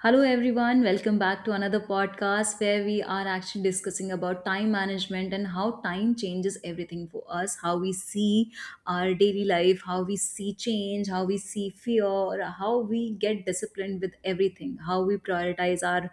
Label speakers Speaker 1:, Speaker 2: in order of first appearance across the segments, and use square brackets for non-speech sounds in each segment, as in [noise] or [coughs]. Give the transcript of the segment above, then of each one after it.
Speaker 1: Hello everyone, welcome back to another podcast where we are actually discussing about time management and how time changes everything for us, how we see our daily life, how we see change, how we see fear, how we get disciplined with everything, how we prioritize our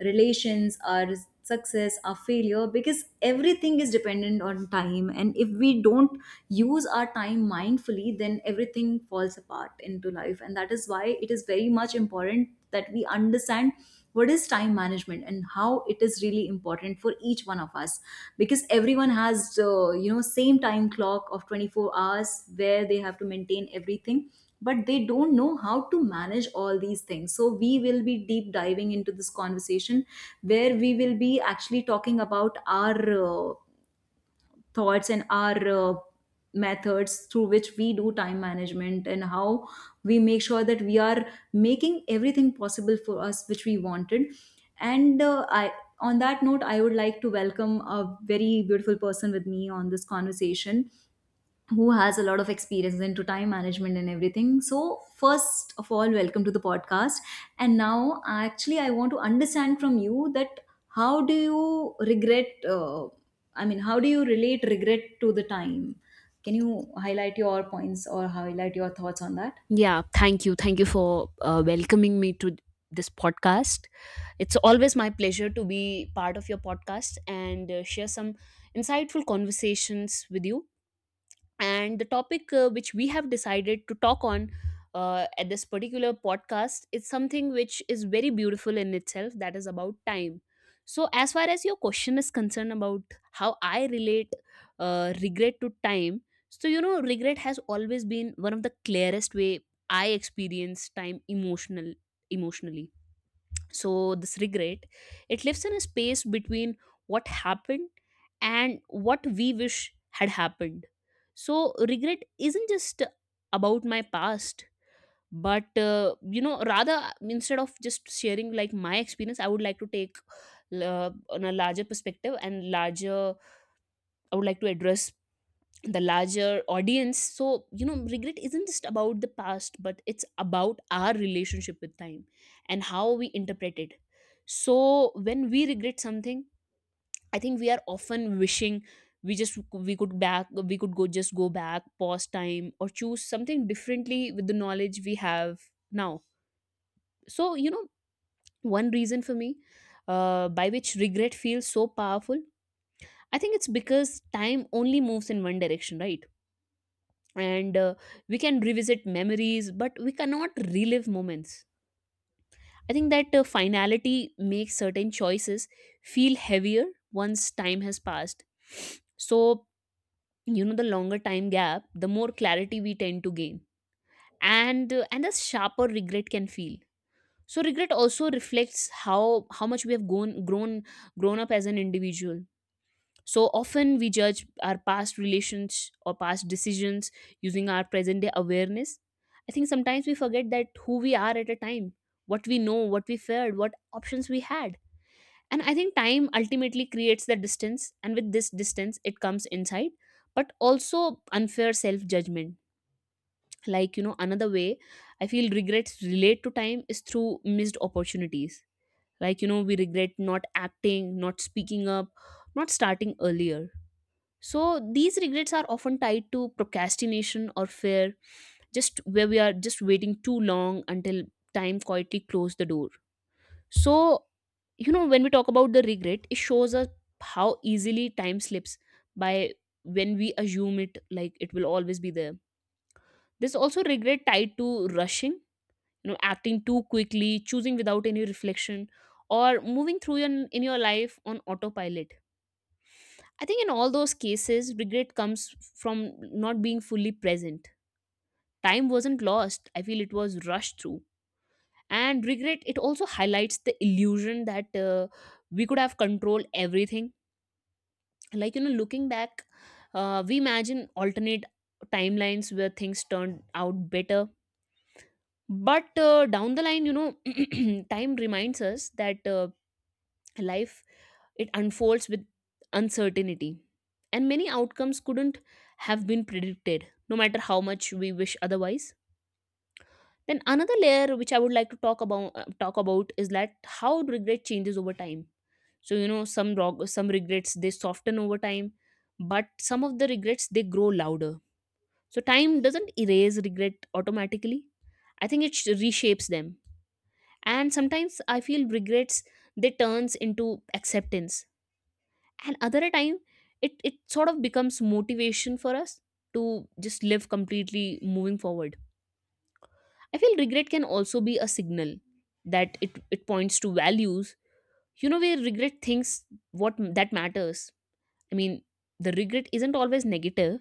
Speaker 1: relations, our success, our failure, because everything is dependent on time. And if we don't use our time mindfully, then everything falls apart into life, and that is why it is very much important that we understand what is time management and how it is really important for each one of us, because everyone has same time clock of 24 hours where they have to maintain everything, but they don't know how to manage all these things. So we will be deep diving into this conversation where we will be actually talking about our thoughts and our methods through which we do time management, and how we make sure that we are making everything possible for us which we wanted. And I On that note, I would like to welcome a very beautiful person with me on this conversation who has a lot of experience into time management and everything. So, first of all, welcome to the podcast. And now, actually, I want to understand from you that how do you regret? I mean, how do you relate regret to the time? Can you highlight your points or highlight your thoughts on that?
Speaker 2: Yeah, thank you. Thank you for welcoming me to this podcast. It's always my pleasure to be part of your podcast and share some insightful conversations with you, and the topic which we have decided to talk on at this particular podcast is something which is very beautiful in itself, that is about time. So as far as your question is concerned about how I relate regret to time, so you know, regret has always been one of the clearest way I experience time emotionally. So this regret, it lives in a space between what happened and what we wish had happened. So regret isn't just about my past, but you know, rather, instead of just sharing like my experience, I would like to take on a larger perspective, and larger, I would like to address the larger audience. So you know, regret isn't just about the past, but it's about our relationship with time and how we interpret it. So when we regret something, I think we are often wishing, we just we could back we could go just go back, pause time, or choose something differently with the knowledge we have now. So you know, one reason for me by which regret feels so powerful, I think it's because time only moves in one direction, right? And we can revisit memories, but we cannot relive moments. I think that finality makes certain choices feel heavier once time has passed. So you know, the longer time gap, the more clarity we tend to gain, and and the sharper regret can feel. So regret also reflects how much we have grown up as an individual. So often we judge our past relations or past decisions using our present day awareness. I think sometimes we forget that who we are at a time, what we know, what we feared, what options we had. And I think time ultimately creates the distance, and with this distance, it comes insight, but also unfair self judgment. Like, you know, another way I feel regrets relate to time is through missed opportunities. Like, you know, we regret not acting, not speaking up, not starting earlier. So these regrets are often tied to procrastination or fear, just where we are just waiting too long until time quietly closed the door. So, you know, when we talk about the regret, it shows us how easily time slips by when we assume it like it will always be there. There's also regret tied to rushing, you know, acting too quickly, choosing without any reflection, or moving through in your life on autopilot. I think in all those cases, regret comes from not being fully present. Time wasn't lost. I feel it was rushed through. And regret, it also highlights the illusion that we could have controlled everything. Like, you know, looking back, we imagine alternate timelines where things turned out better. But down the line, you know, [clears throat] time reminds us that life, it unfolds with uncertainty, and many outcomes couldn't have been predicted, no matter how much we wish otherwise. Then another layer which I would like to talk about is that how regret changes over time. So you know, some regrets, they soften over time, but some of the regrets, they grow louder. So time doesn't erase regret automatically. I think it reshapes them. And sometimes I feel regrets, they turns into acceptance, and other a time, it sort of becomes motivation for us to just live completely moving forward. I feel regret can also be a signal, that it points to values. You know, where regret thinks that matters. I mean, the regret isn't always negative.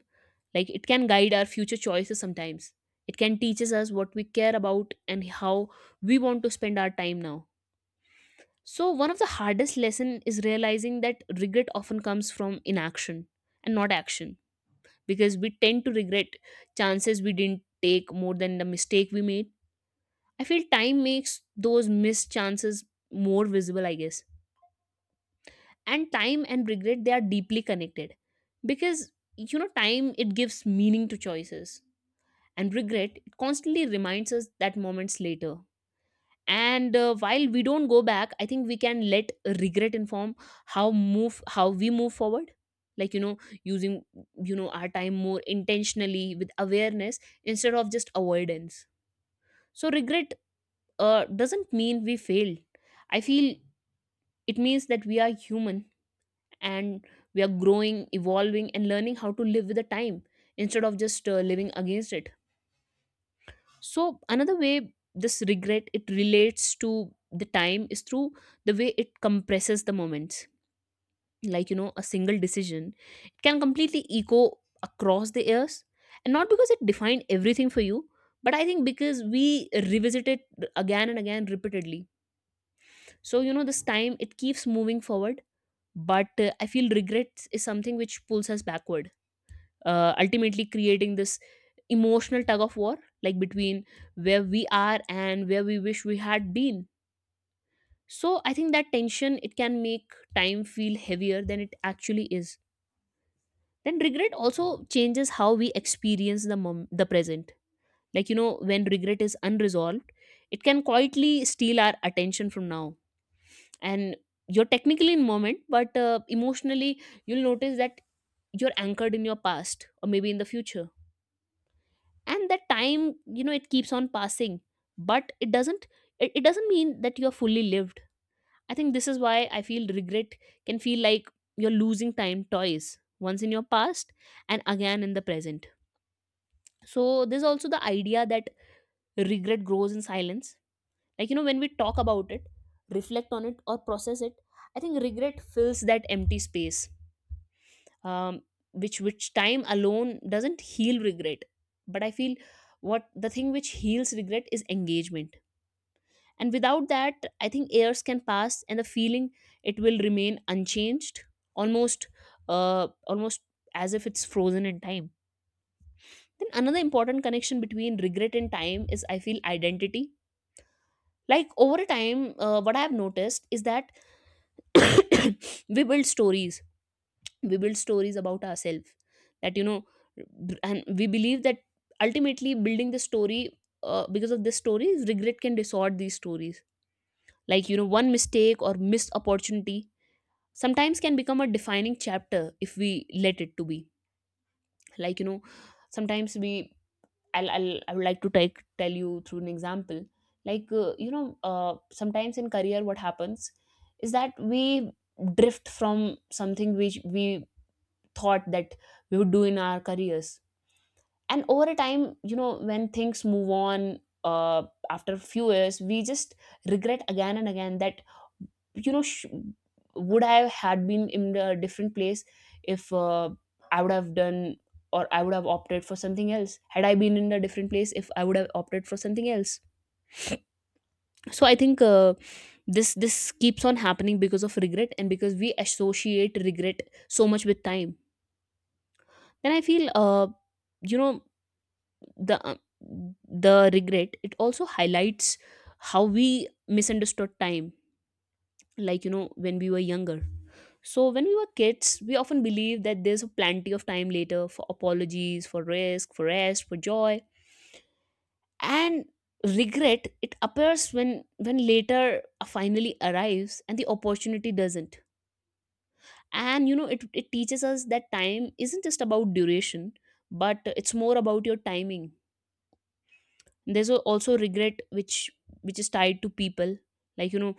Speaker 2: Like, it can guide our future choices. Sometimes it can teaches us what we care about and how we want to spend our time now. So one of the hardest lesson is realizing that regret often comes from inaction and not action, because we tend to regret chances we didn't take more than the mistake we made. I feel time makes those missed chances more visible, I guess. And time and regret, they are deeply connected, because you know, time, it gives meaning to choices, and regret, it constantly reminds us that moments later. And while we don't go back, I think we can let regret inform how we move forward. Like, you know, using, you know, our time more intentionally with awareness instead of just avoidance. So regret doesn't mean we failed. I feel it means that we are human, and we are growing, evolving, and learning how to live with the time instead of just living against it. So another way this regret, it relates to the time, is through the way it compresses the moments. Like, you know, a single decision, it can completely echo across the years, and not because it defined everything for you, but I think because we revisit it again and again, repeatedly. So you know, this time, it keeps moving forward, but I feel regret is something which pulls us backward, ultimately creating this emotional tug of war, like between where we are and where we wish we had been. So I think that tension, it can make time feel heavier than it actually is. Then regret also changes how we experience the present. Like, you know, when regret is unresolved, it can quietly steal our attention from now. And you're technically in moment, but emotionally you'll notice that you're anchored in your past or maybe in the future. And that time, you know, it keeps on passing, but it doesn't, it doesn't mean that you are fully lived. I think this is why I feel regret can feel like you're losing time twice, once in your past and again in the present. So there's also the idea that regret grows in silence. Like, you know, when we talk about it, reflect on it, or process it, I think regret fills that empty space. um, which time alone doesn't heal regret, but I feel what the thing which heals regret is engagement. And without that, I think years can pass and the feeling, it will remain unchanged, almost, almost as if it's frozen in time. Then another important connection between regret and time is, I feel, identity. Like, over a time, what I have noticed is that [coughs] we build stories we build stories about ourselves that, you know, and we believe that, ultimately building the story, because of this stories, regret can distort these stories. Like, you know, one mistake or missed opportunity sometimes can become a defining chapter if we let it to be. Like, you know, sometimes we, I'll I would like to take tell you through an example. Like, you know, sometimes in career what happens is that we drift from something which we thought that we would do in our careers, and over a time, you know, when things move on, after a few years, we just regret again and again that, you know, would I had been in a different place if I would have done or I would have opted for something else had I been in a different place, if I would have opted for something else. So I think this keeps on happening because of regret, and because we associate regret so much with time. Then I feel you know, the um, the regret, it also highlights how we misunderstood time. Like, you know, when we were younger, so when we were kids, we often believed that there's plenty of time later, for apologies, for risk, for rest, for joy. And regret, it appears when later finally arrives and the opportunity doesn't. And you know, it teaches us that time isn't just about duration, but it's more about your timing. There's also regret which is tied to people. Like, you know,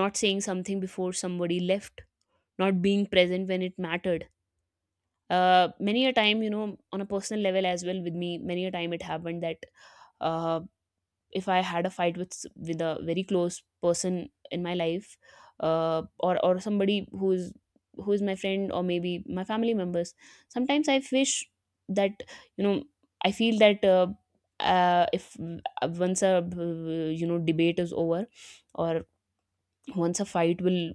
Speaker 2: not saying something before somebody left, not being present when it mattered. Many a time, you know, on a personal level as well, with me many a time it happened that um if I had a fight with with a very close person in my life, or somebody who is, who is my friend or maybe my family members, sometimes I wish that, you know, I feel that. If once a debate is over, or once a fight will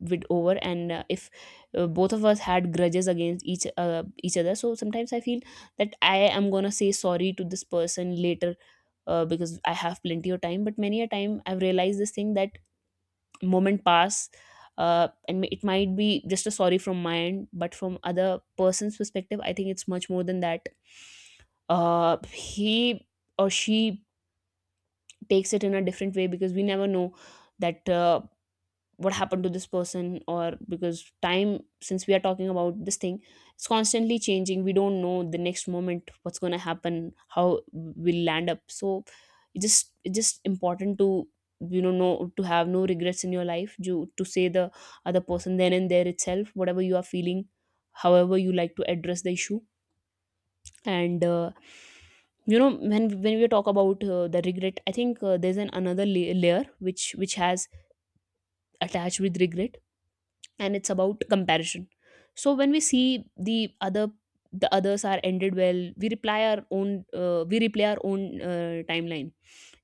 Speaker 2: with over, and if both of us had grudges against each other, so sometimes I feel that I am going to say sorry to this person later, because I have plenty of time. But many a time I've realized this thing, that moment pass, and it might be just a sorry from my end, but from other person's perspective I think it's much more than that. He or she takes it in a different way, because we never know that what happened to this person. Or because time, since we are talking about this thing, it's constantly changing, we don't know the next moment what's going to happen, how we'll land up. So it's just important to to have no regrets in your life, you to say the other person then and there itself whatever you are feeling, however you like to address the issue. And when we talk about the regret, I think there's an layer which has attached with regret, and it's about comparison. So when we see the other the others are ended well, we reply our own we replay our own timeline.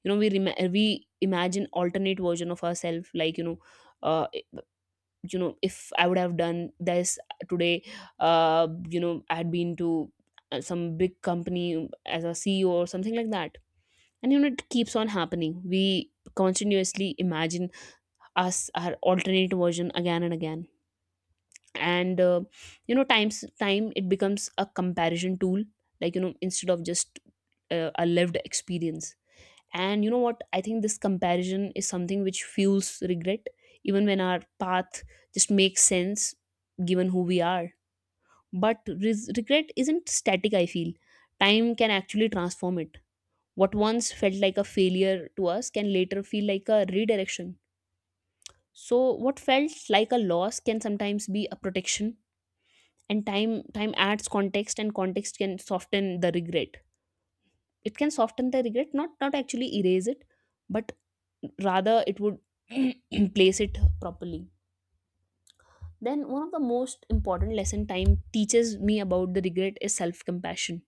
Speaker 2: You know, we imagine alternate version of ourselves, like uh, you know, if I would have done this today, uh, I had been to some big company as a CEO or something like that. And you know, it keeps on happening. We continuously imagine us, our alternate version, again and again. And time it becomes a comparison tool, like you know, instead of just a lived experience. And you know what, I think this comparison is something which fuels regret, even when our path just makes sense given who we are. But regret isn't static, I feel. Time can actually transform it. What once felt like a failure to us can later feel like a redirection. So what felt like a loss can sometimes be a protection. And time adds context, and context can soften the regret. It can soften the regret, not actually erase it, but rather it would [clears throat] place it properly. Then one of the most important lesson time teaches me about the regret is self compassion.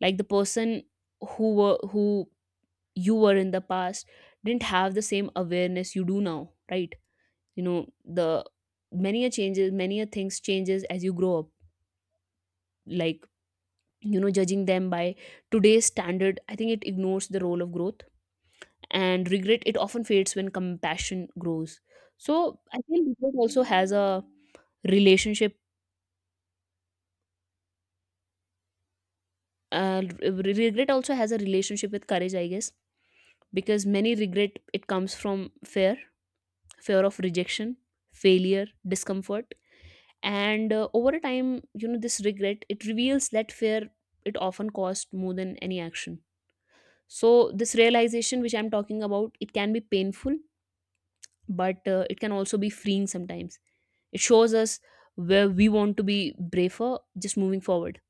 Speaker 2: Like the person who you were in the past didn't have the same awareness you do now, right? You know, the many a things changes as you grow up. Like you know, judging them by today's standard, I think it ignores the role of growth. And regret, it often fades when compassion grows. So I think regret also has a relationship, regret also has a relationship with courage, I guess. Because many regret it comes from fear. Fear of rejection, failure, discomfort. And over a time, you know, this regret, it reveals that fear. It often cost more than any action. So this realization which I'm talking about, it can be painful, but it can also be freeing sometimes. It shows us where we want to be braver just moving forward.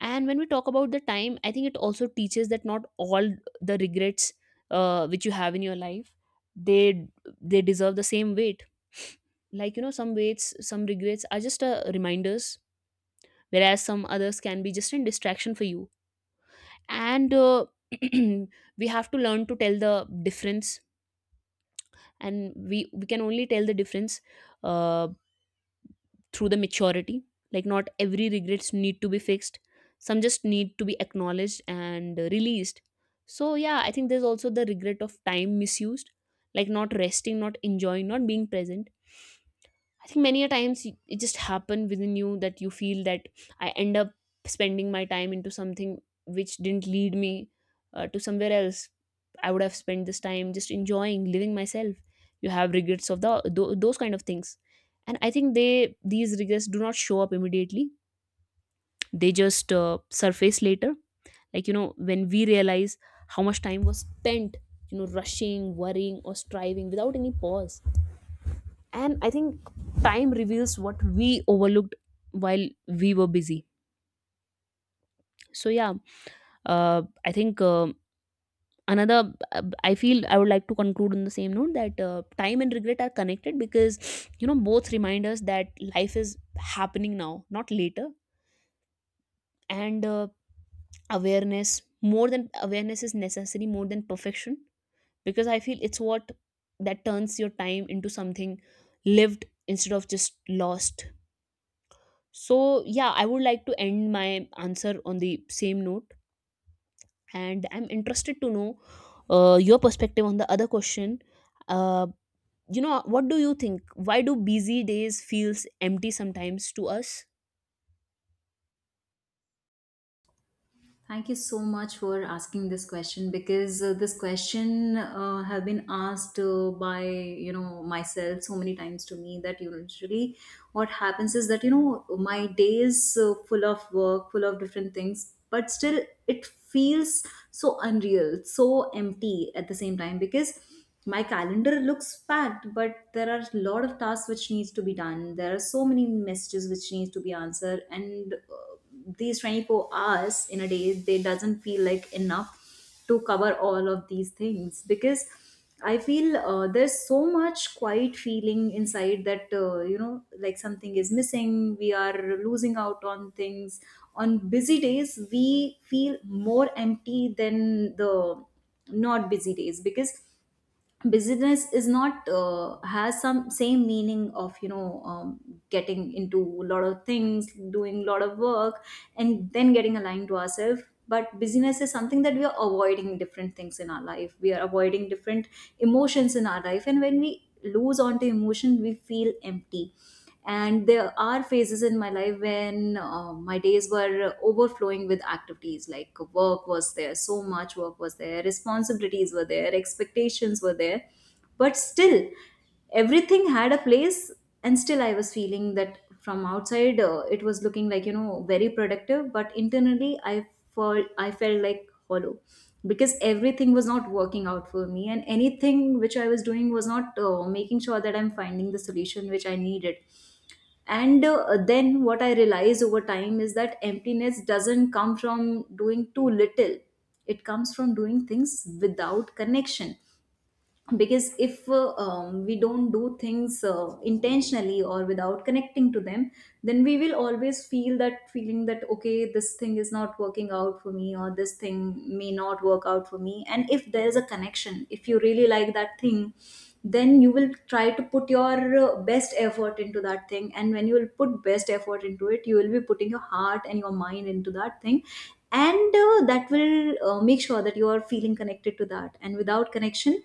Speaker 2: And when we talk about the time, I think it also teaches that not all the regrets which you have in your life, they they deserve the same weight. Like you know, some regrets are just reminders, whereas some others can be just a distraction for you. And [clears throat] we have to learn to tell the difference, and we can only tell the difference uh, through the maturity. Like not every regrets need to be fixed, some just need to be acknowledged and released. So yeah, I think there's also the regret of time misused, like not resting, not enjoying, not being present. I think many a times it just happened within you that you feel that I end up spending my time into something which didn't lead me to somewhere else. I would have spent this time just enjoying living myself. You have regrets of those kind of things, and I think they these regrets do not show up immediately. They just surface later. Like you know, when we realize how much time was spent, you know, rushing, worrying, or striving without any pause. And I think time reveals what we overlooked while we were busy. So yeah, I think another I feel I would like to conclude on the same note, that time and regret are connected, because you know, both remind us that life is happening now, not later. And awareness more than awareness is necessary, more than perfection. Because I feel it's what that turns your time into something lived instead of just lost. So, yeah, I would like to end my answer on the same note, and I'm interested to know your perspective on the other question. Uh, what do you think? Why do busy days feels empty sometimes to us?
Speaker 1: Thank you so much for asking this question, because this question have been asked by, you know, myself so many times to me, that usually what happens is that, you know, my day is full of work, full of different things, but still it feels so unreal, so empty at the same time, because my calendar looks packed, but there are a lot of tasks which needs to be done, there are so many messages which needs to be answered, and these 24 hours in a day they doesn't feel like enough to cover all of these things, because I feel there's so much quiet feeling inside that, you know, like something is missing, we are losing out on things. On busy days we feel more empty than the not busy days, because business is not has some same meaning of, you know, getting into a lot of things, doing a lot of work and then getting aligned to ourselves. But busyness is something that we are avoiding different things in our life, we are avoiding different emotions in our life, and when we lose onto emotion we feel empty. And there are phases in my life when my days were overflowing with activities, like work was there, so much work was there, responsibilities were there, expectations were there, but still everything had a place. And still I was feeling that from outside it was looking like, you know, very productive, but internally I felt like hollow, because everything was not working out for me, and anything which I was doing was not making sure that I'm finding the solution which I needed. And then what I realized over time is that emptiness doesn't come from doing too little, it comes from doing things without connection. Because if we don't do things intentionally or without connecting to them, then we will always feel that feeling that okay, this thing is not working out for me, or this thing may not work out for me. And if there is a connection, if you really like that thing, then you will try to put your best effort into that thing, and when you will put best effort into it, you will be putting your heart and your mind into that thing. And that will make sure that you are feeling connected to that, and without connection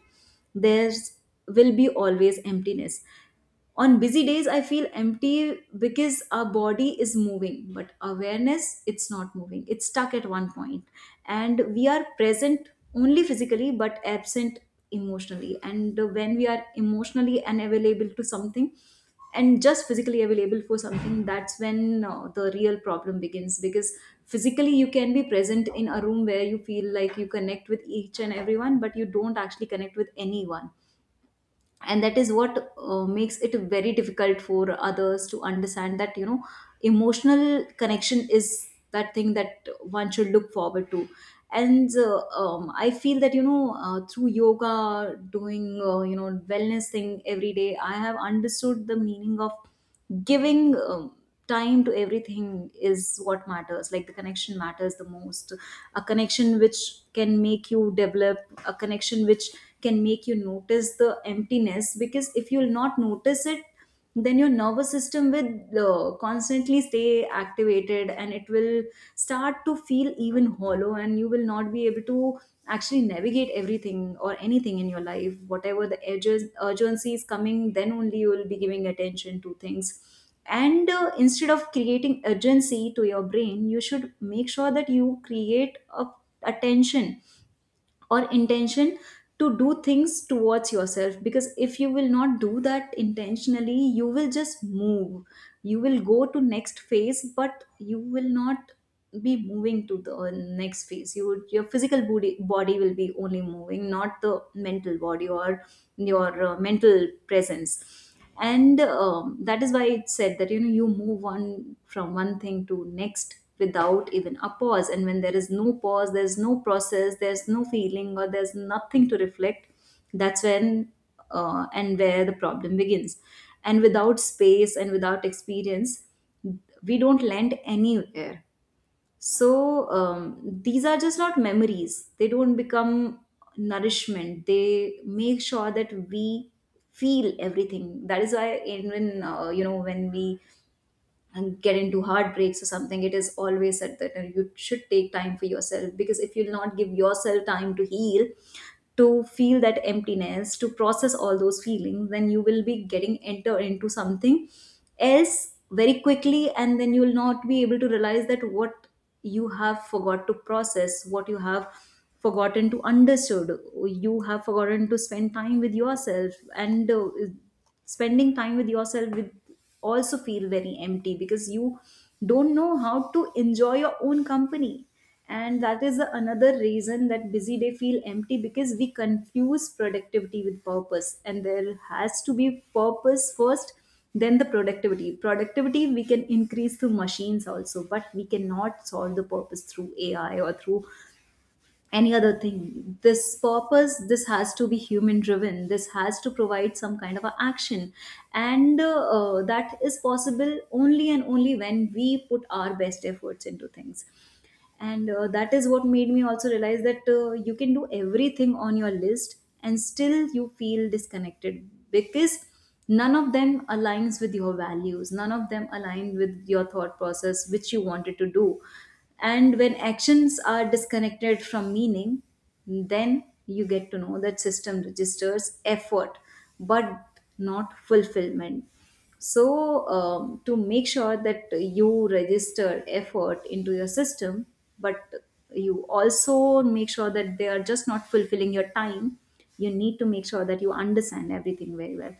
Speaker 1: there's will be always emptiness. On busy days I feel empty because our body is moving but awareness it's not moving, it's stuck at one point, and we are present only physically but absent emotionally. And when we are emotionally unavailable to something and just physically available for something, that's when the real problem begins, because physically you can be present in a room where you feel like you connect with each and everyone, but you don't actually connect with anyone. And that is what makes it very difficult for others to understand that, you know, emotional connection is that thing that one should look forward to. And I feel that, you know, through yoga, doing you know, wellness thing every day, I have understood the meaning of giving time to everything is what matters, like the connection matters the most. A connection which can make you develop, a connection which can make you notice the emptiness, because if you'll not notice it, then your nervous system will constantly stay activated and it will start to feel even hollow, and you will not be able to actually navigate everything or anything in your life. Whatever the urgency is coming, then only you will be giving attention to things. And instead of creating urgency to your brain, you should make sure that you create a attention or intention to do things towards yourself. Because if you will not do that intentionally, you will just move, you will go to next phase, but you will not be moving to the next phase, you would, your physical body will be only moving, not the mental body or your mental presence. And that is why it's said that, you know, you move on from one thing to next without even a pause, and when there is no pause, there's no process, there's no feeling, or there's nothing to reflect. That's when and where the problem begins. And without space and without experience, we don't land anywhere. So these are just not memories, they don't become nourishment, they make sure that we feel everything. That is why even you know, when we and get into heartbreaks or something, it is always said that you should take time for yourself, because if you'll not give yourself time to heal, to feel that emptiness, to process all those feelings, then you will be getting enter into something else very quickly, and then you will not be able to realize that what you have forgot to process, what you have forgotten to understood, you have forgotten to spend time with yourself. And spending time with yourself with also feel very empty, because you don't know how to enjoy your own company. And that is the another reason that busy day feel empty, because we confuse productivity with purpose, and there has to be purpose first, then the productivity. We can increase through machines also, but we cannot solve the purpose through AI or through any other thing. This purpose, this has to be human driven, this has to provide some kind of a action. And That is possible only and only when we put our best efforts into things. And that is what made me also realize that you can do everything on your list and still you feel disconnected, because none of them aligns with your values, none of them align with your thought process which you wanted to do. And when actions are disconnected from meaning, then you get to know that system registers effort but not fulfillment. So to make sure that you register effort into your system, but you also make sure that they are just not fulfilling your time, you need to make sure that you understand everything very well.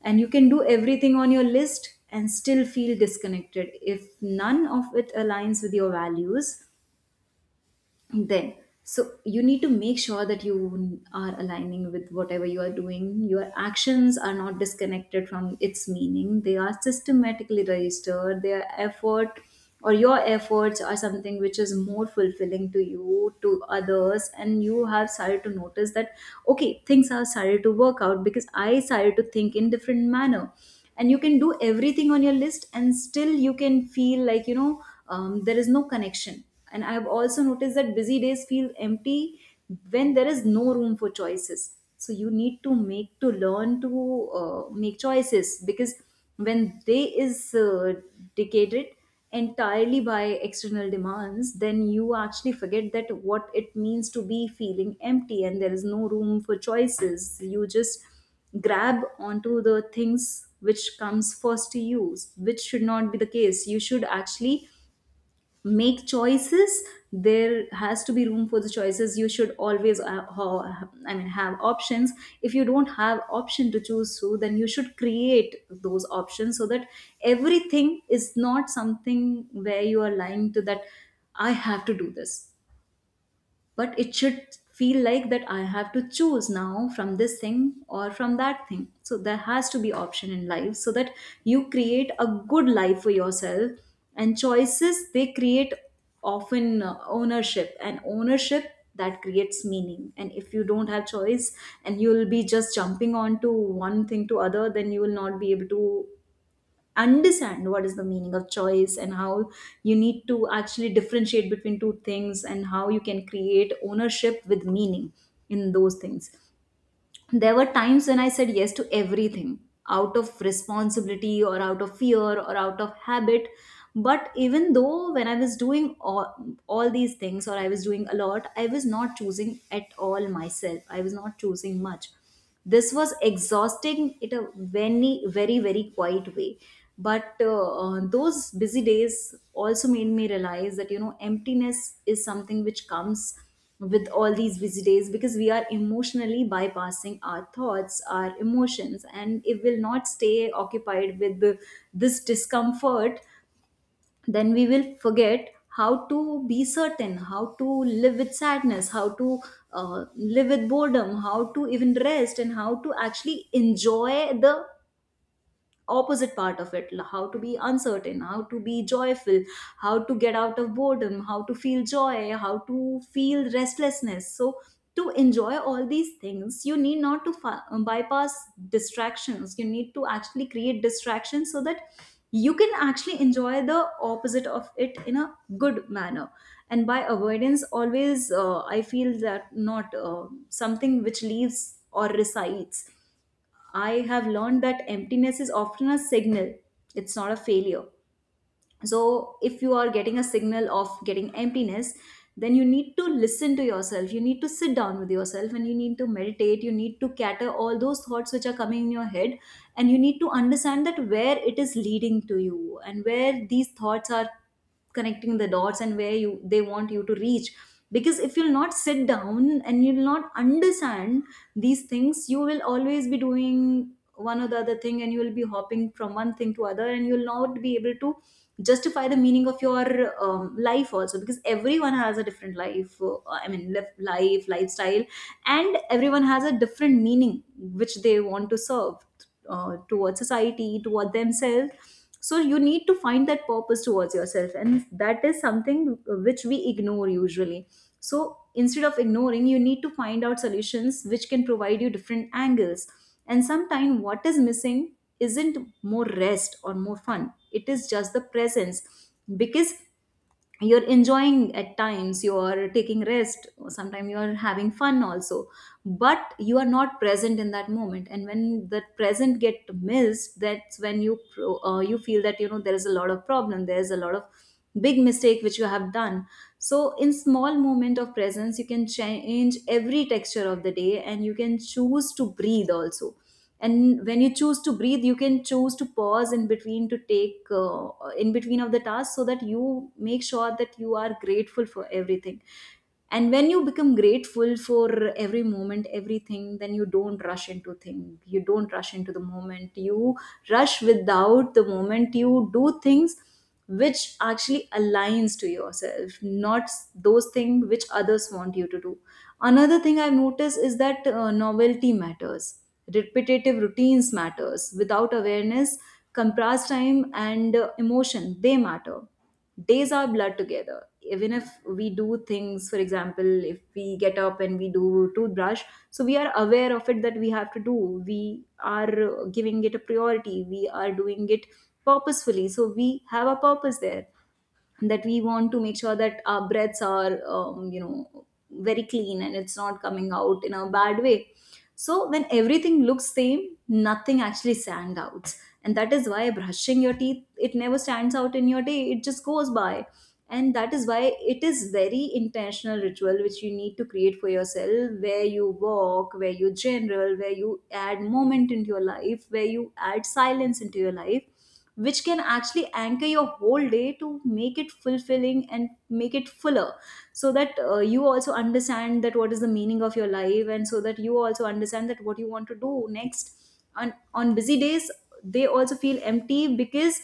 Speaker 1: And you can do everything on your list and still feel disconnected if none of it aligns with your values then. So you need to make sure that you are aligning with whatever you are doing, your actions are not disconnected from its meaning, they are systematically registered their effort, or your efforts are something which is more fulfilling to you, to others, and you have started to notice that okay, things are started to work out because I started to think in different manner. And you can do everything on your list and still you can feel like, you know, there is no connection. And I've also noticed that busy days feel empty when there is no room for choices. So you need to make to learn to make choices, because when day is dictated entirely by external demands, then you actually forget that what it means to be feeling empty, and there is no room for choices. You just grab onto the things which comes first to you, which should not be the case. You should actually make choices. There has to be room for the choices. You should always have options. If you don't have option to choose through, then you should create those options, so that everything is not something where you are lying to that I have to do this, but it should feel like that I have to choose now from this thing or from that thing. So there has to be option in life so that you create a good life for yourself. And choices, they create often ownership, and ownership, that creates meaning. And if you don't have choice and you will be just jumping on to one thing to other, then you will not be able to understand what is the meaning of choice, and how you need to actually differentiate between two things, and how you can create ownership with meaning in those things. There were times when I said yes to everything out of responsibility or out of fear or out of habit. But even though when I was doing all these things or I was doing a lot, I was not choosing at all myself. I was not choosing much. This was exhausting in a very, very, very quiet way. But those busy days also made me realize that, you know, emptiness is something which comes with all these busy days, because we are emotionally bypassing our thoughts, our emotions, and it will not stay occupied with this discomfort. Then we will forget how to be certain, how to live with sadness, how to live with boredom, how to even rest, and how to actually enjoy the opposite part of it. How to be uncertain, how to be joyful, how to get out of boredom, how to feel joy, how to feel restlessness. So to enjoy all these things, you need not to bypass distractions. You need to actually create distractions so that you can actually enjoy the opposite of it in a good manner. And by avoidance always, I feel that not something which leaves or resides. I have learned that emptiness is often a signal, it's not a failure. So, if you are getting a signal of getting emptiness, then you need to listen to yourself. You need to sit down with yourself and you need to meditate. You need to cater all those thoughts which are coming in your head. And you need to understand that where it is leading to you, and where these thoughts are connecting the dots, and where you they want you to reach. Because if you'll not sit down and you'll not understand these things, you will always be doing one or the other thing, and you will be hopping from one thing to other, and you'll not be able to justify the meaning of your life also, because everyone has a different life, life lifestyle, and everyone has a different meaning which they want to serve towards society, towards themselves. So you need to find that purpose towards yourself, and that is something which we ignore usually. So instead of ignoring, you need to find out solutions which can provide you different angles. And sometimes what is missing isn't more rest or more fun, it is just the presence. Because you're enjoying at times, you're taking rest, sometimes you're having fun also, but you are not present in that moment. And when the present get missed, that's when you you feel that, you know, there is a lot of problem, there is a lot of big mistake which you have done. So in small moment of presence, you can change every texture of the day, and you can choose to breathe also. And when you choose to breathe, you can choose to pause in between to take in between of the task, so that you make sure that you are grateful for everything. And when you become grateful for every moment, everything, then you don't rush into things, you don't rush into the moment, you rush without the moment, you do things which actually aligns to yourself, not those things which others want you to do. Another thing I've noticed is that novelty matters. Repetitive routines matters without awareness. Compressed time and emotion, they matter. Days our blood together, even if we do things, for example, if we get up and we do toothbrush, so we are aware of it that we have to do, we are giving it a priority, we are doing it purposefully, so we have a purpose there, that we want to make sure that our breaths are you know, very clean and it's not coming out in a bad way. So when everything looks same, nothing actually stands out. And that is why brushing your teeth, it never stands out in your day, it just goes by. And that is why it is very intentional ritual which you need to create for yourself, where you walk, where you general, where you add moment into your life, where you add silence into your life, which can actually anchor your whole day to make it fulfilling and make it fuller. So that you also understand that what is the meaning of your life, and so that you also understand that what you want to do next. On busy days, they also feel empty because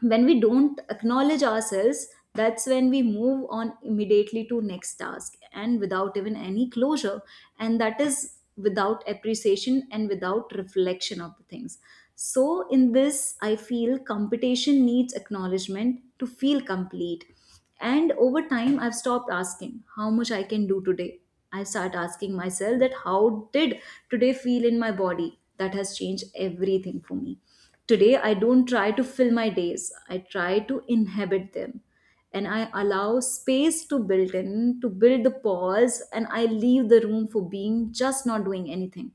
Speaker 1: when we don't acknowledge ourselves, that's when we move on immediately to next task and without even any closure. And that is without appreciation and without reflection of the things. So in this, I feel competition needs acknowledgement to feel complete. And over time, I've stopped asking how much I can do today. I start asking myself that how did today feel in my body. That has changed everything for me. Today, I don't try to fill my days, I try to inhabit them. And I allow space to build in, to build the pause, and I leave the room for being just not doing anything.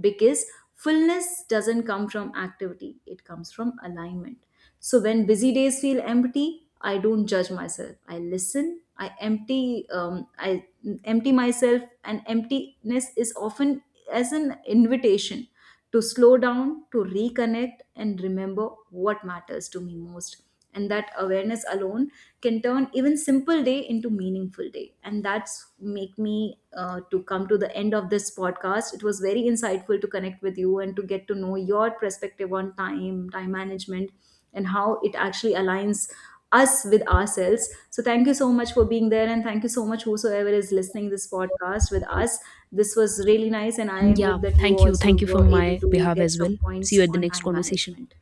Speaker 1: Because fullness doesn't come from activity, it comes from alignment. So when busy days feel empty, I don't judge myself. I listen. I empty. I empty myself, and emptiness is often as an invitation to slow down, to reconnect, and remember what matters to me most. And that awareness alone can turn even simple day into meaningful day. And that's make me to come to the end of this podcast. It was very insightful to connect with you and to get to know your perspective on time, time management, and how it actually aligns us with ourselves. So thank you so much for being there, and thank you so much whosoever is listening this podcast with us. This was really nice and I
Speaker 2: Yeah,
Speaker 1: hope that you
Speaker 2: thank you.
Speaker 1: also
Speaker 2: Thank you
Speaker 1: were
Speaker 2: from
Speaker 1: able
Speaker 2: my
Speaker 1: to
Speaker 2: behalf
Speaker 1: get
Speaker 2: as
Speaker 1: some
Speaker 2: well. See you
Speaker 1: points
Speaker 2: at the
Speaker 1: on
Speaker 2: next
Speaker 1: time
Speaker 2: conversation.
Speaker 1: management.